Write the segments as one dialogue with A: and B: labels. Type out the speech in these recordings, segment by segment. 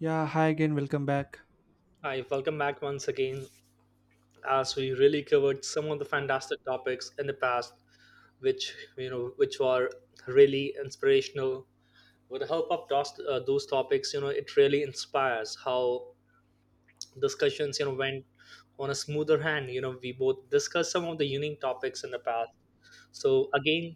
A: Yeah, hi again, welcome back.
B: Hi, welcome back once again as we really covered some of the fantastic topics in the past which you know which were really inspirational. With the help of those topics it really inspires how discussions went on a smoother hand. We both discussed some of the unique topics in the past, so again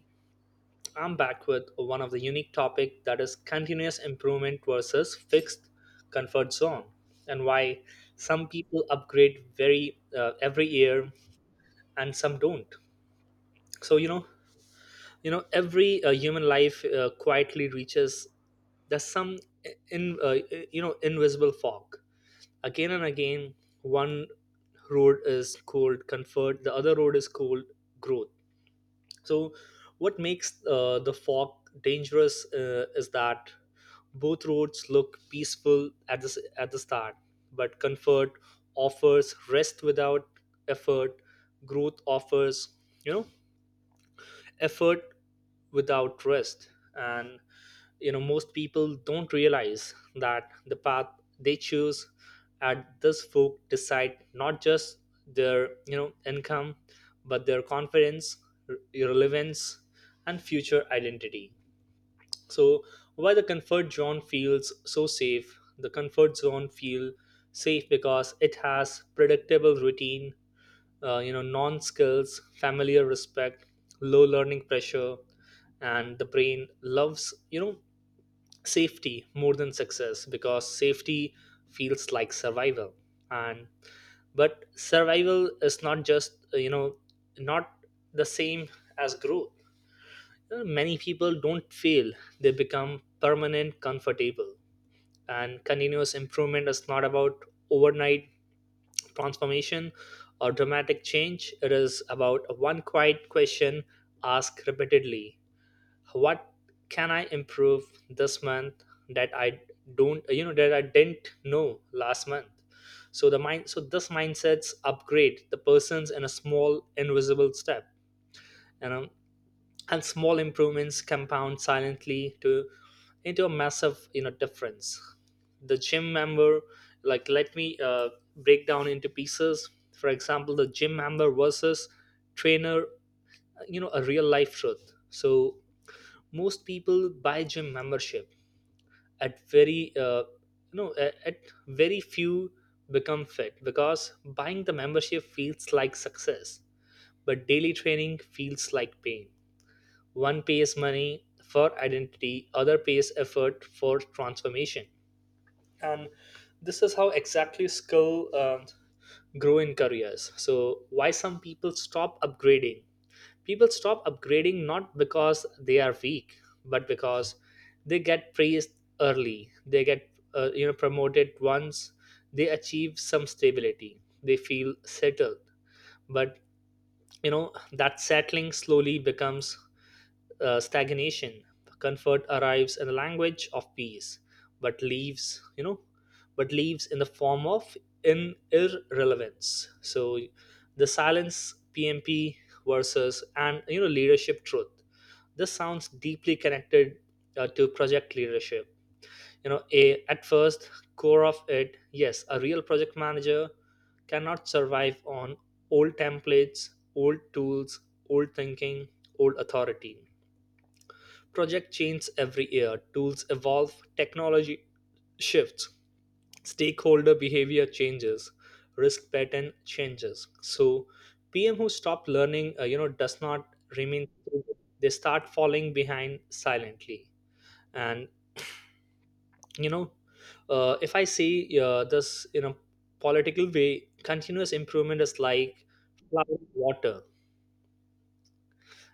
B: I'm back with one of the unique topic, that is continuous improvement versus fixed comfort zone. And why some people upgrade very every year and some don't. So every human life quietly reaches there's some in you know invisible fog. Again and again, one road is called comfort, the other road is called growth. So what makes the fog dangerous is that both roads look peaceful at the start, but comfort offers rest without effort, growth offers, you know, effort without rest. And most people don't realize that the path they choose at this folk decide not just their, income, but their confidence, r- relevance, and future identity. So why the comfort zone feels so safe? The comfort zone feel safe because it has predictable routine, non skills, familiar respect, low learning pressure, and the brain loves safety more than success, because safety feels like survival. And but survival is not just not the same as growth. Many people don't fail, they become permanent, comfortable. And continuous improvement is not about overnight transformation or dramatic change, it is about one quiet question asked repeatedly. What can I improve this month that I don't, you know, that I didn't know last month? So this mindset's upgrade the person's in a small invisible step, you know and small improvements compound silently to into a massive difference. The gym member like Let me break down into pieces. For example, the gym member versus trainer, a real life truth. So most people buy gym membership at very you know at very few become fit, because buying the membership feels like success, but daily training feels like pain. One pays money for identity, other pays effort for transformation. And this is how exactly skill grow in careers. So why some people stop upgrading? People stop upgrading not because they are weak, but because they get praised early. They get promoted once they achieve some stability. They feel settled, but that settling slowly becomes stagnation. Comfort arrives in the language of peace, but leaves in the form of in irrelevance. So, the silence PMP versus and leadership truth. This sounds deeply connected to project leadership. You know, a At first core of it, yes, a real project manager cannot survive on old templates, old tools, old thinking, old authority. Project changes every year, tools evolve, technology shifts, stakeholder behavior changes, risk pattern changes. So PM who stop learning, does not remain. Stable. They start falling behind silently, and you know, if I say this in a political way, continuous improvement is like flowing water,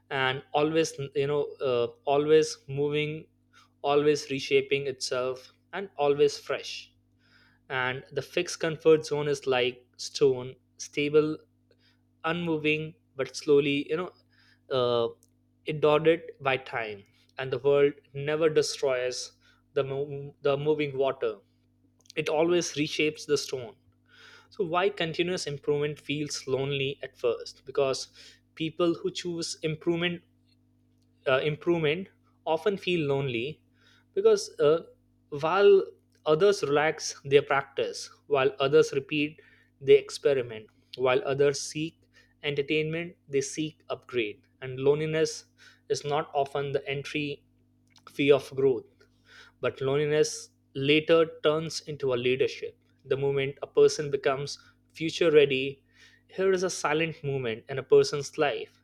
B: and always, always moving, always reshaping itself, and always fresh. And the fixed comfort zone is like stone, stable, unmoving, but slowly, uh, eroded by time. And the world never destroys the moving water, it always reshapes the stone. So, why continuous improvement feels lonely at first? Because people who choose improvement often feel lonely, because while others relax their practice, while others repeat, they experiment, while others seek entertainment, they seek upgrade. And loneliness is not often the entry fee of growth, but loneliness later turns into a leadership. The moment a person becomes future ready, here is a silent moment in a person's life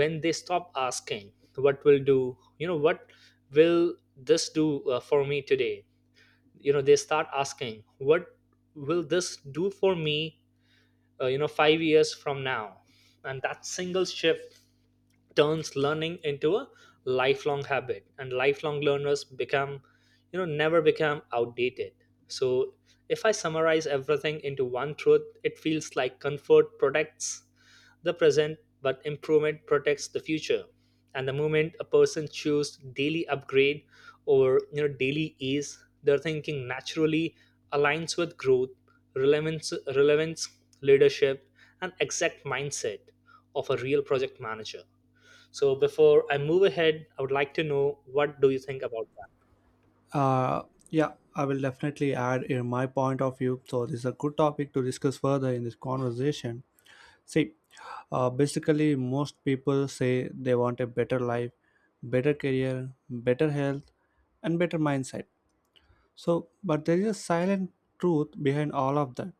B: when they stop asking what will this do for me today. They start asking what will this do for me 5 years from now. And that single shift turns learning into a lifelong habit, and lifelong learners become never become outdated. So if I summarize everything into one truth, it feels like comfort protects the present, but improvement protects the future. And the moment a person chooses daily upgrade or daily ease, their thinking naturally aligns with growth, relevance, relevance, leadership, and exact mindset of a real project manager. So before I move ahead, I would like to know what do you think about that?
A: Uh, yeah, I will definitely add in my point of view. So this is a good topic to discuss further in this conversation. See, basically, most people say they want a better life, better career, better health, and better mindset. So, but there is a silent truth behind all of that,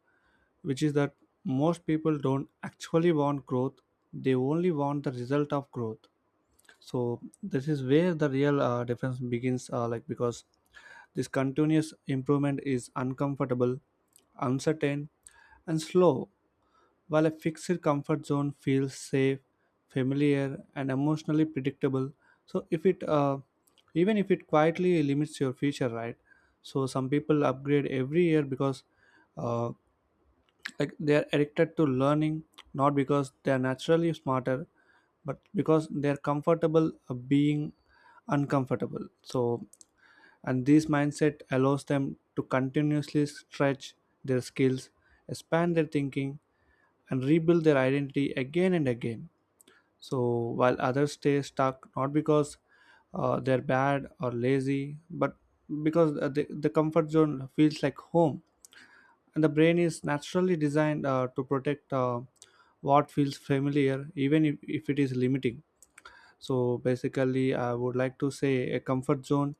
A: which is that most people don't actually want growth, they only want the result of growth. So this is where the real difference begins, because this continuous improvement is uncomfortable, uncertain, and slow, while a fixed comfort zone feels safe, familiar, and emotionally predictable. So, if it even if it quietly limits your future, right? So some people upgrade every year because, uh, they are addicted to learning, not because they are naturally smarter, but because they are comfortable being uncomfortable. So, and this mindset allows them to continuously stretch their skills, expand their thinking, and rebuild their identity again and again. So while others stay stuck, not because they're bad or lazy, but because, the comfort zone feels like home, and the brain is naturally designed to protect what feels familiar, even if it is limiting. So basically, I would like to say a comfort zone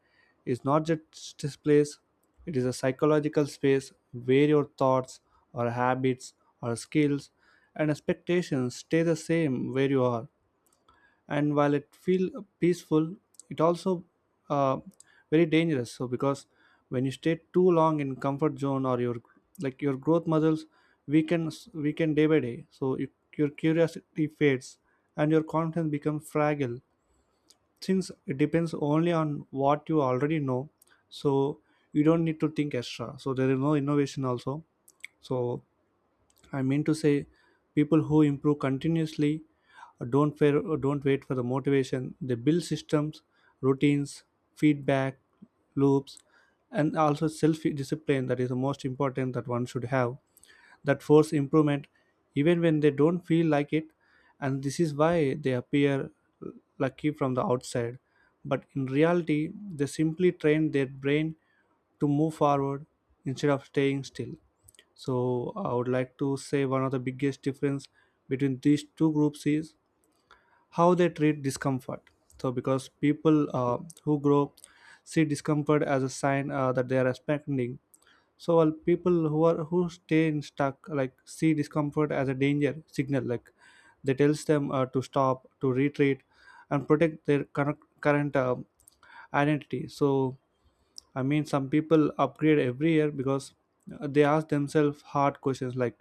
A: is not just this place, it is a psychological space where your thoughts or habits or skills and expectations stay the same where you are. And while it feels peaceful, it also uh, very dangerous. So because when you stay too long in comfort zone, or your, like your growth muscles weaken day by day. So you, your curiosity fades, and your confidence becomes fragile since it depends only on what you already know. So you don't need to think extra, so there is no innovation also. So I mean to say, people who improve continuously don't wait for the motivation. They build systems, routines, feedback loops, and also self discipline, that is the most important that one should have, that force improvement even when they don't feel like it. And this is why they appear lucky from the outside, but in reality they simply train their brain to move forward instead of staying still. So I would like to say one of the biggest difference between these two groups is how they treat discomfort. So because people who grow see discomfort as a sign that they are expanding. So well, people who stay in stuck like see discomfort as a danger signal, like they tells them to stop, to retreat and protect their current identity. So I mean, some people upgrade every year because they ask themselves hard questions like,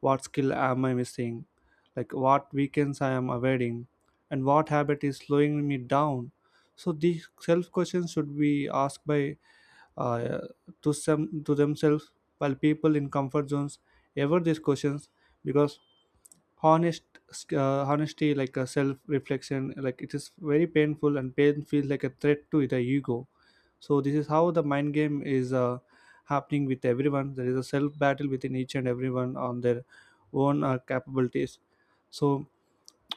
A: what skill am I missing, like what weekends I am avoiding, and what habit is slowing me down. So these self questions should be asked by uh, to some, to themselves, while people in comfort zones ever these questions because honest honesty, like a self reflection, like it is very painful, and pain feels like a threat to the ego. So this is how the mind game is happening with everyone. There is a self battle within each and everyone on their own capabilities. So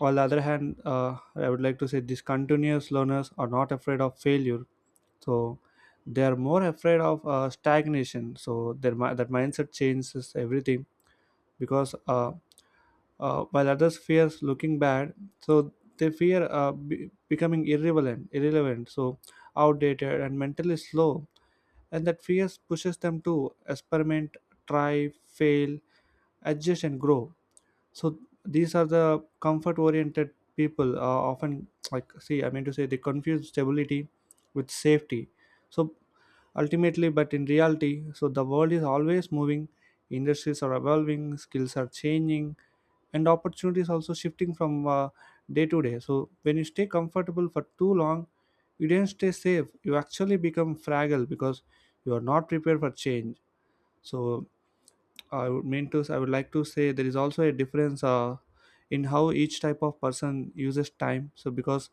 A: on the other hand, I would like to say these continuous learners are not afraid of failure, so they are more afraid of stagnation. So that mindset changes everything, because, while others fears looking bad, so they fear becoming irrelevant, so outdated and mentally slow, and that fears pushes them to experiment, try, fail, adjust, and grow. So these are the comfort oriented people, often like, see, I mean to say, they confuse stability with safety. So ultimately, but in reality, so the world is always moving, industries are evolving, skills are changing, and opportunities also shifting from day to day. So when you stay comfortable for too long, you don't stay safe, you actually become fragile because you are not prepared for change. So I would like to say there is also a difference in how each type of person uses time. So because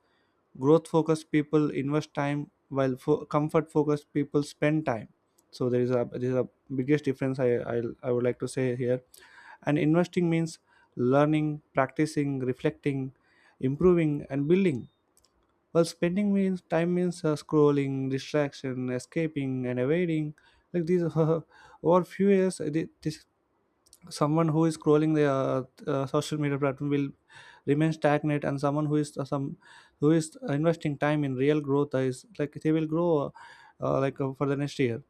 A: growth focused people invest time, while comfort focused people spend time. So there is a biggest difference I would like to say here. And investing means learning, practicing, reflecting, improving, and building. While spending means time means scrolling, distraction, escaping, and evading. Like these, over few years, thi- this someone who is scrolling the social media platform will remain stagnant, and someone who is some who is investing time in real growth is like they will grow for the next year.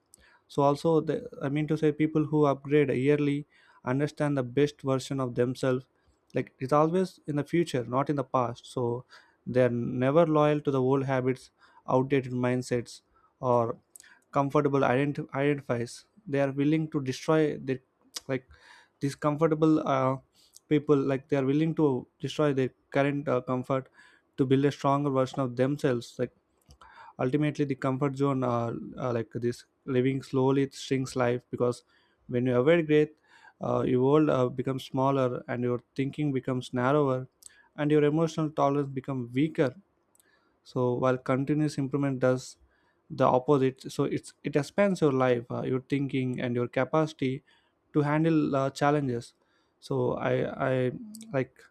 A: So also the I mean to say, people who upgrade yearly understand the best version of themselves, like it's always in the future, not in the past. So they're never loyal to the old habits, outdated mindsets, or identifies. They are willing to destroy their like these comfortable people, like they are willing to destroy their current comfort to build a stronger version of themselves. Like ultimately, the comfort zone like this living slowly, it shrinks life because when you avoid growth, your world becomes smaller, and your thinking becomes narrower, and your emotional tolerance become weaker. So while continuous improvement does the opposite, so it expands your life, your thinking, and your capacity to handle challenges. So i like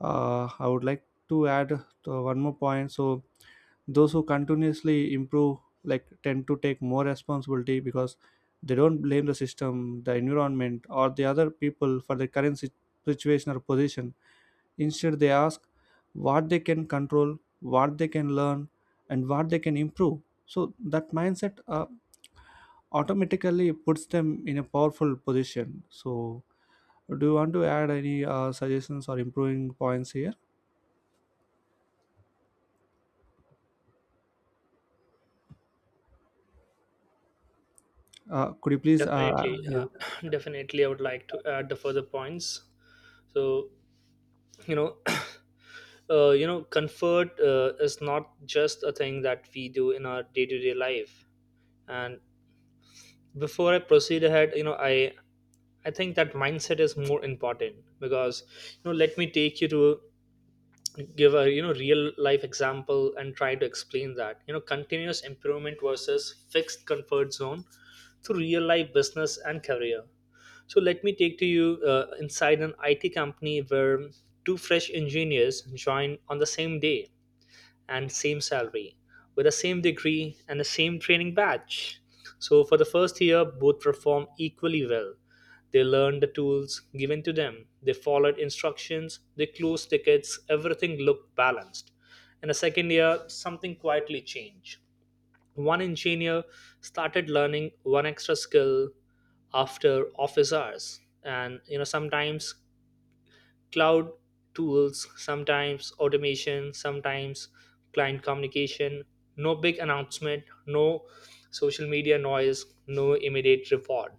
A: I would like to add one more point. So those who continuously improve like tend to take more responsibility because they don't blame the system, the environment, or the other people for their situation or position. Instead they ask what they can control, what they can learn, and what they can improve. So that mindset automatically puts them in a powerful position. So do you want to add any suggestions or improving points here? Could you please
B: Definitely,
A: Yeah,
B: definitely, I would like to add the further points. So you know, comfort is not just a thing that we do in our day-to-day life. And before I proceed ahead, I think that mindset is more important. Because, let me take you to give a real life example and try to explain that continuous improvement versus fixed comfort zone through real life business and career. So let me take to you inside an IT company where two fresh engineers join on the same day and same salary, with the same degree and the same training batch. So, for the first year, both performed equally well. They learned the tools given to them, they followed instructions, they closed tickets, everything looked balanced. In the second year, something quietly changed. One engineer started learning one extra skill after office hours, and sometimes cloud tools, sometimes automation, sometimes client communication. No big announcement, no social media noise, no immediate reward.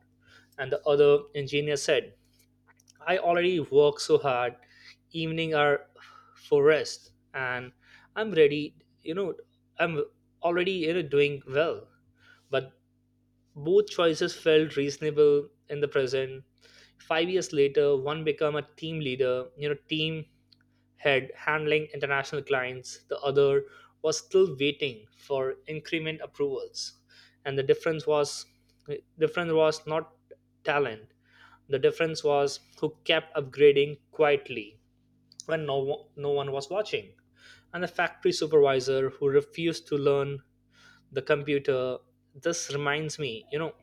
B: And the other engineer said, I already work so hard, evening are for rest, and I'm ready, you know, I'm already doing well. But both choices felt reasonable in the present. 5 years later, one became a team leader, team head handling international clients, the other was still waiting for increment approvals. And the difference was not talent. The difference was who kept upgrading quietly when no one was watching. And the factory supervisor who refused to learn the computer. This reminds me, you know,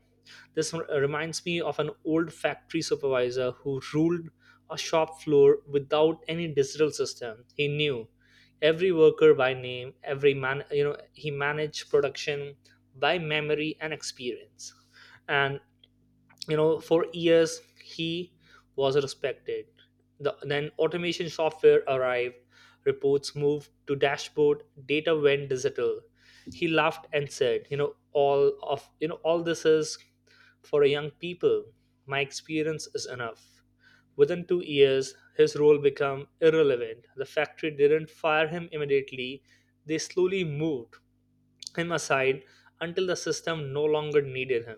B: this r- reminds me of an old factory supervisor who ruled a shop floor without any digital system. He knew every worker by name, every man, he managed production by memory and experience. And for years he was respected. Then automation software arrived, reports moved to dashboard, data went digital. He laughed and said, all this is for young people, my experience is enough. Within 2 years his role became irrelevant. The factory didn't fire him immediately, they slowly moved him aside until the system no longer needed him.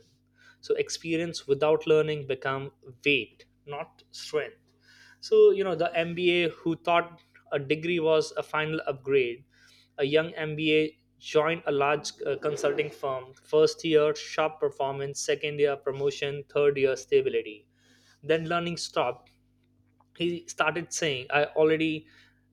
B: So experience without learning become weight, not strength. So the MBA who thought a degree was a final upgrade, a young MBA joined a large consulting firm. First year sharp performance, second year promotion, third year stability. Then learning stopped. He started saying, i already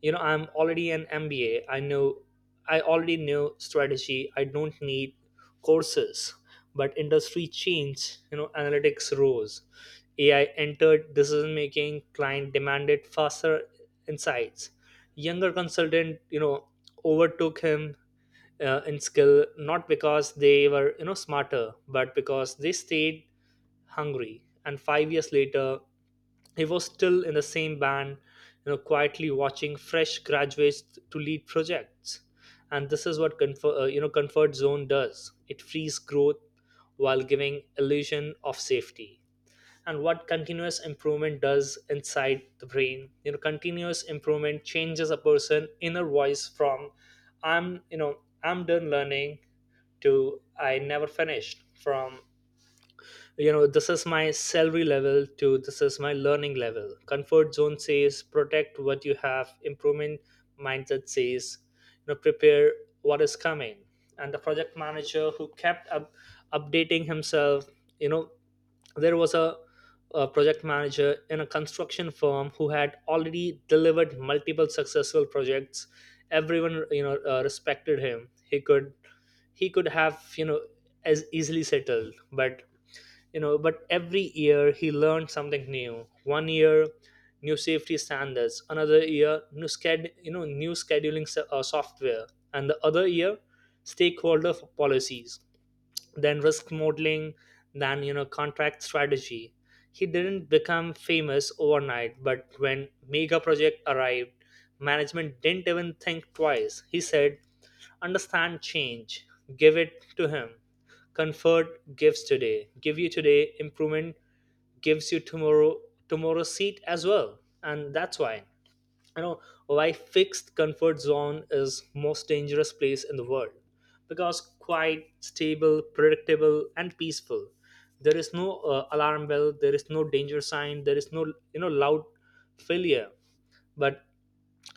B: you know i'm already an MBA, I already know strategy, I don't need courses. But industry changed. Analytics rose, AI entered decision making, client demanded faster insights. Younger consultant overtook him in skill, not because they were smarter, but because they stayed Hungary. And 5 years later, he was still in the same band, quietly watching fresh graduates to lead projects. And this is what comfort comfort zone does. It frees growth while giving illusion of safety. And what continuous improvement does inside the brain, continuous improvement changes a person' inner voice from "I'm done learning" to "I never finished." From this is my salary level to this is my learning level. Comfort zone says protect what you have, improvement mindset says prepare what is coming. And the project manager who kept up updating himself, you know there was a, a project manager in a construction firm who had already delivered multiple successful projects. Everyone respected him. He could have as easily settled, but every year he learned something new. One year new safety standards, another year new scheduling software, and the other year policies, then risk modeling, then contract strategy. He didn't become famous overnight, but when mega project arrived, management didn't even think twice. He said, understand change. Give it to him. Comfort gives today. Give you today. Improvement gives you tomorrow, tomorrow's seat as well. And that's why you know why fixed comfort zone is most dangerous place in the world, because quiet, stable, predictable and peaceful, there is no alarm bell, there is no danger sign, there is no loud failure. But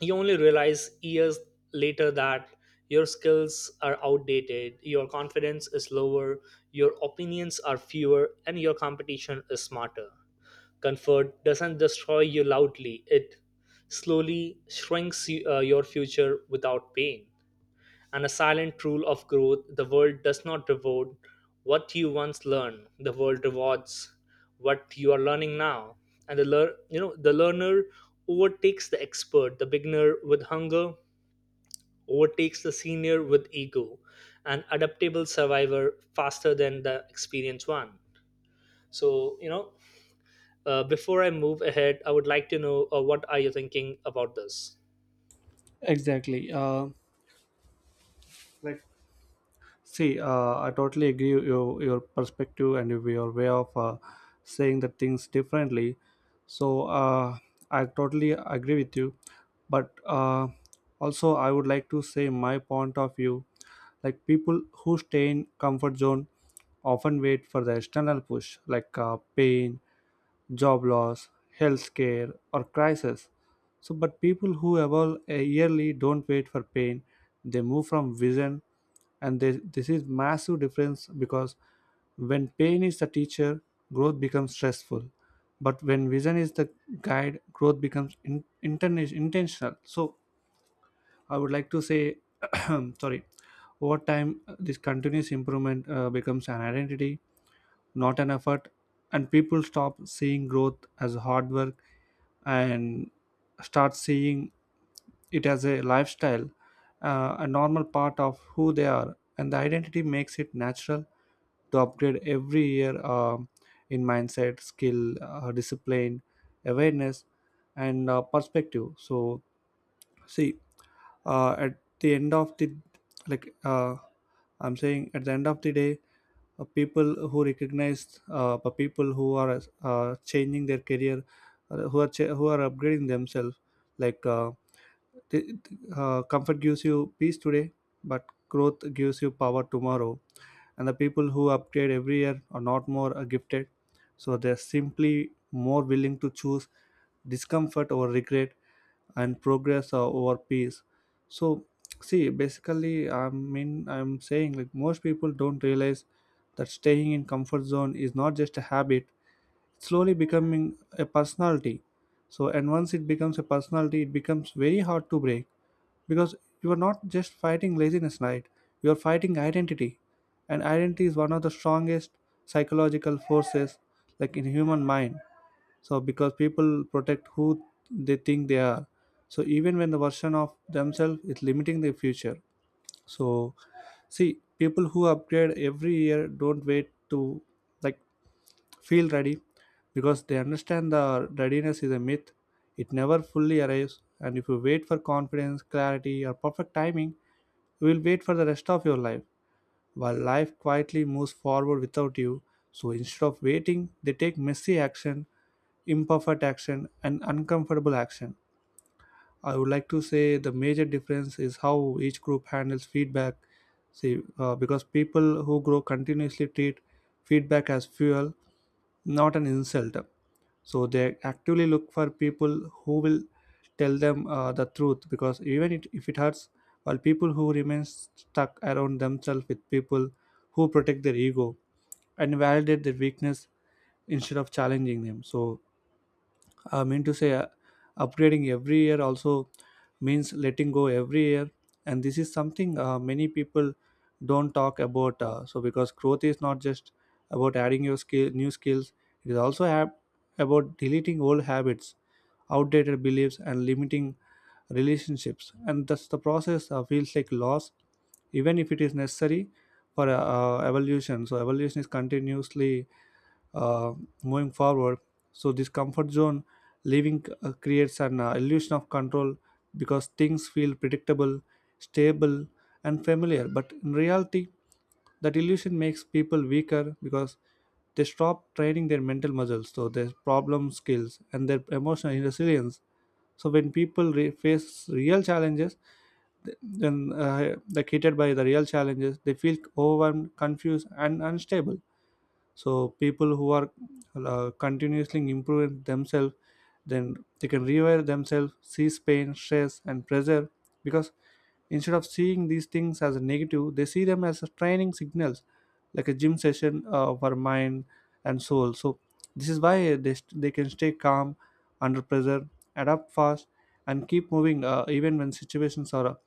B: you only realize years later that your skills are outdated, your confidence is lower, your opinions are fewer, and your competition is smarter. Comfort doesn't destroy you loudly, it slowly shrinks your future without pain, and a silent rule of growth. The world does not reward what you once learned, the world rewards what you are learning now. And the the learner overtakes the expert, the beginner with hunger overtakes the senior with ego, an adaptable survivor faster than the experienced one. So, you know before I move ahead I would like to know, what are you thinking about this?
A: exactly like see, I totally agree with your perspective and with your way of saying the things differently. So I totally agree with you, but also I would like to say my point of view. Like people who stay in comfort zone often wait for the external push, like pain, job loss, health care, or crisis. So, but people who evolve a yearly don't wait for pain, they move from vision, this is massive difference because when pain is the teacher, growth becomes stressful. But when vision is the guide, growth becomes intentional. So I would like to say, sorry, over time, this continuous improvement becomes an identity, not an effort, and people stop seeing growth as hard work and start seeing it as a lifestyle, a normal part of who they are, and the identity makes it natural to upgrade every year in mindset, skill, discipline, awareness, and perspective. So see, at the end of the like I'm saying at the end of the day, people who recognize the people who are changing their career, who are upgrading themselves, like uh, Th- comfort gives you peace today, but growth gives you power tomorrow. And the people who upgrade every year are not more gifted, so they're simply more willing to choose discomfort over regret and progress over peace. So see, basically, I mean, I'm saying like most people don't realize that staying in comfort zone is not just a habit, slowly becoming a personality. So and once it becomes a personality, it becomes very hard to break, because you are not just fighting laziness, right? You are fighting identity, and identity is one of the strongest psychological forces like in human mind. So because people protect who they think they are, so even when the version of themselves is limiting their future. So see, people who upgrade every year don't wait to like feel ready because they understand the readiness is a myth. It never fully arrives, and if you wait for confidence, clarity, or perfect timing, you will wait for the rest of your life while life quietly moves forward without you. So instead of waiting, they take messy action, imperfect action, and uncomfortable action. I would like to say the major difference is how each group handles feedback. See, because people who grow continuously treat feedback as fuel, not an insult. So they actively look for people who will tell them the truth because even if it hurts, while people who remain stuck around themselves with people who protect their ego and validate their weakness instead of challenging them. So I mean to say, upgrading every year also means letting go every year, and this is something many people don't talk about. So because growth is not just about adding your new skills; it is also about deleting old habits, outdated beliefs, and limiting relationships. And that's the process feels like loss, even if it is necessary for evolution. So evolution is continuously uh, moving forward. So this comfort zone living creates an illusion of control because things feel predictable, stable, and familiar. But in reality, that illusion makes people weaker because they stop training their mental muscles, so their problem skills and their emotional resilience. So when face real challenges, then like hit by the real challenges, they feel overwhelmed, confused, and unstable. So people who are continuously improving themselves, then they can rewire themselves, sees pain, stress, and pressure. Because instead of seeing these things as a negative, they see them as a training signals, like a gym session for mind and soul. So this is why they can stay calm under pressure, adapt fast, and keep moving even when situations are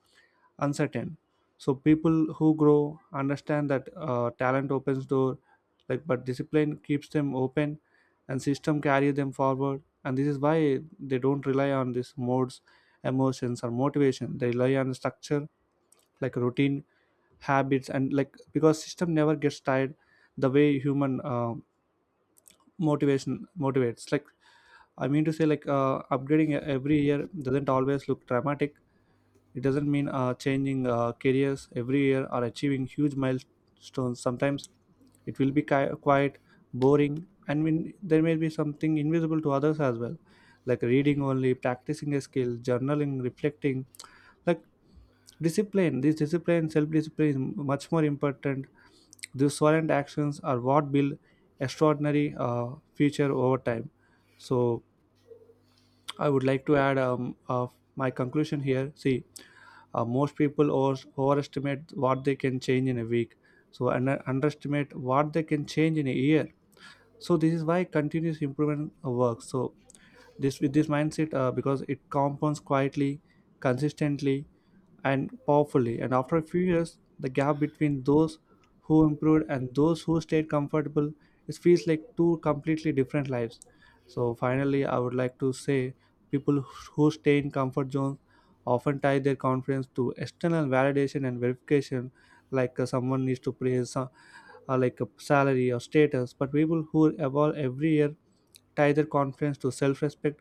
A: uncertain. So people who grow understand that talent opens door, like, but discipline keeps them open and system carry them forward. And this is why they don't rely on these modes, emotions, or motivation. They rely on structure, like routine, habits, and like because system never gets tired the way human motivation motivates. Like, I mean to say, like, upgrading every year doesn't always look dramatic. It doesn't mean changing careers every year or achieving huge milestones. Sometimes it will be quiet, boring, and mean, there may be something invisible to others as well, like reading only, practicing a skill, journaling, reflecting, like discipline. This discipline, self-discipline, is much more important. These silent actions are what build extraordinary future over time. So I would like to add my conclusion here. See, most people overestimate what they can change in a week, so and underestimate what they can change in a year. So this is why continuous improvement works. So this with this mindset, because it compounds quietly, consistently, and powerfully. And after a few years, the gap between those who improved and those who stayed comfortable, it feels like two completely different lives. So finally, I would like to say people who stay in comfort zones often tie their confidence to external validation and verification, like someone needs to praise, like a salary or status. But people who evolve every year tie their confidence to self-respect,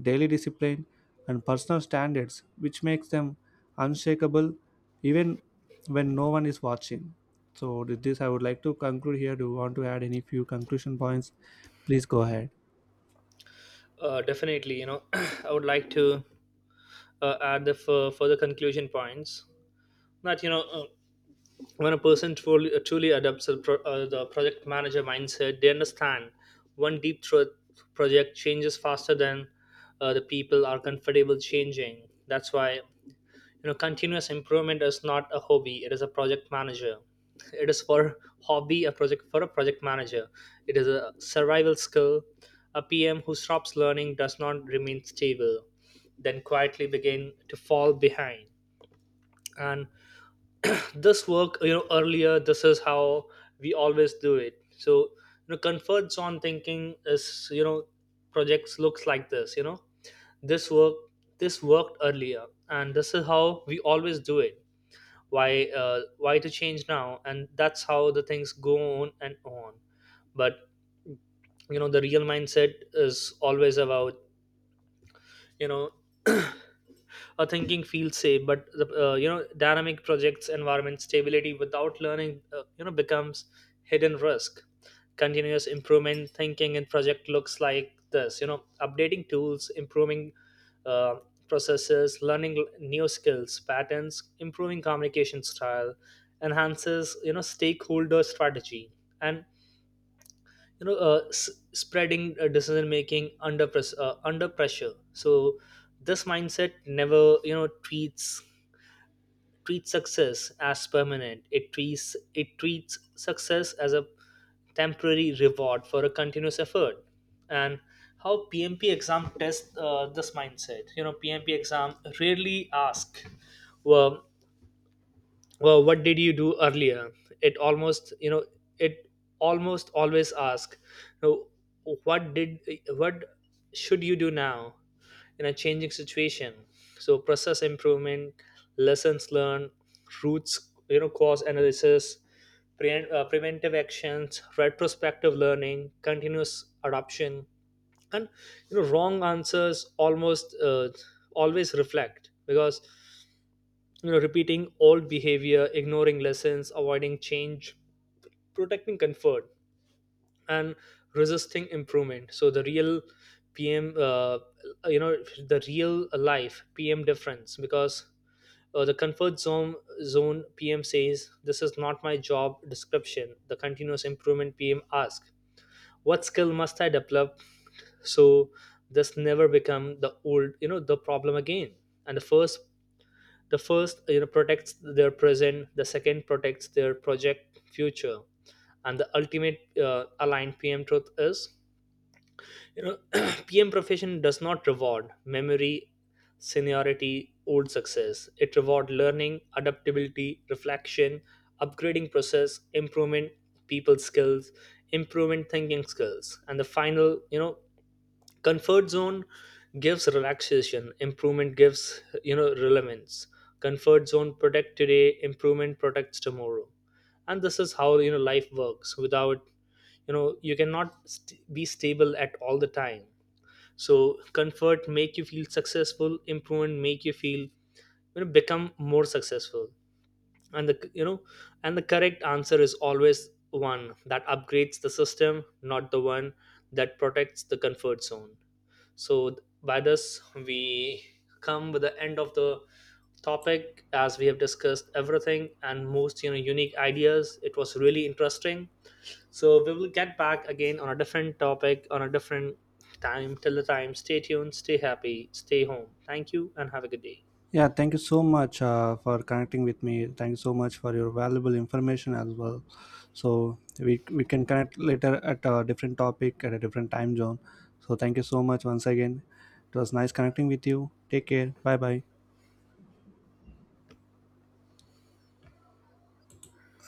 A: daily discipline, and personal standards, which makes them unshakable even when no one is watching. So, with this, I would like to conclude here. Do you want to add any few conclusion points? Please go ahead.
B: Definitely, you know. I would like to add the further conclusion points, that you know, when a person truly adopts the project manager mindset, they understand one deep truth. Project changes faster than the people are comfortable changing. That's why, you know, continuous improvement is not a hobby, it is a project manager it is for hobby, a project for a project manager. It is a survival skill. A PM who stops learning does not remain stable, then quietly begin to fall behind. And this work, you know, earlier, this is how we always do it. So you know, comfort zone thinking is, you know, projects looks like this, you know, this work this worked earlier and this is how we always do it. Why to change now? And that's how the things go on and on. But you know, the real mindset is always about, you know. Thinking feels safe, but the you know, dynamic projects environment, stability without learning, you know, becomes hidden risk. Continuous improvement thinking in project looks like this, you know, updating tools, improving uh, processes, learning new skills patterns, improving communication style, enhances, you know, stakeholder strategy, and you know, spreading decision making under press under pressure. So this mindset never, you know, treats success as permanent, it treats success as a temporary reward for a continuous effort. And how PMP exam tests this mindset, you know, PMP exam rarely ask, well well what did you do earlier. It almost, you know, it almost always ask, you know, what did, what should you do now, in a changing situation. So process improvement, lessons learned, roots, you know, cause analysis, preventive actions, retrospective learning, continuous adoption, and you know, wrong answers almost always reflect, because you know, repeating old behavior, ignoring lessons, avoiding change, protecting comfort, and resisting improvement. So the real pm you know, the real life PM difference, because the comfort zone PM says this is not my job description, the continuous improvement PM asks, what skill must I develop, so this never become the old, you know, the problem again. And the first you know protects their present, the second protects their project future. And the ultimate aligned PM truth is, you know, PM profession does not reward memory, seniority, old success, it reward learning, adaptability, reflection, upgrading, process improvement, people skills, improvement thinking skills. And the final, you know, comfort zone gives relaxation, improvement gives, you know, relevance. Comfort zone protect today, improvement protects tomorrow. And this is how, you know, life works. Without, you know, you cannot be stable at all the time. So comfort make you feel successful, improvement make you feel, you know, become more successful. And the, you know, and the correct answer is always one that upgrades the system, not the one that protects the comfort zone. So, by this, we come with the end of the topic, as we have discussed everything and most, you know, unique ideas. It was really interesting. So we will get back again on a different topic on a different time. Till the time, stay tuned, stay happy, stay home. Thank you and have a good day.
A: Yeah, thank you so much for connecting with me. Thank you so much for your valuable information as well. So, we can connect later at a different topic at a different time zone. So, thank you so much once again. It was nice connecting with you. Take care. Bye bye.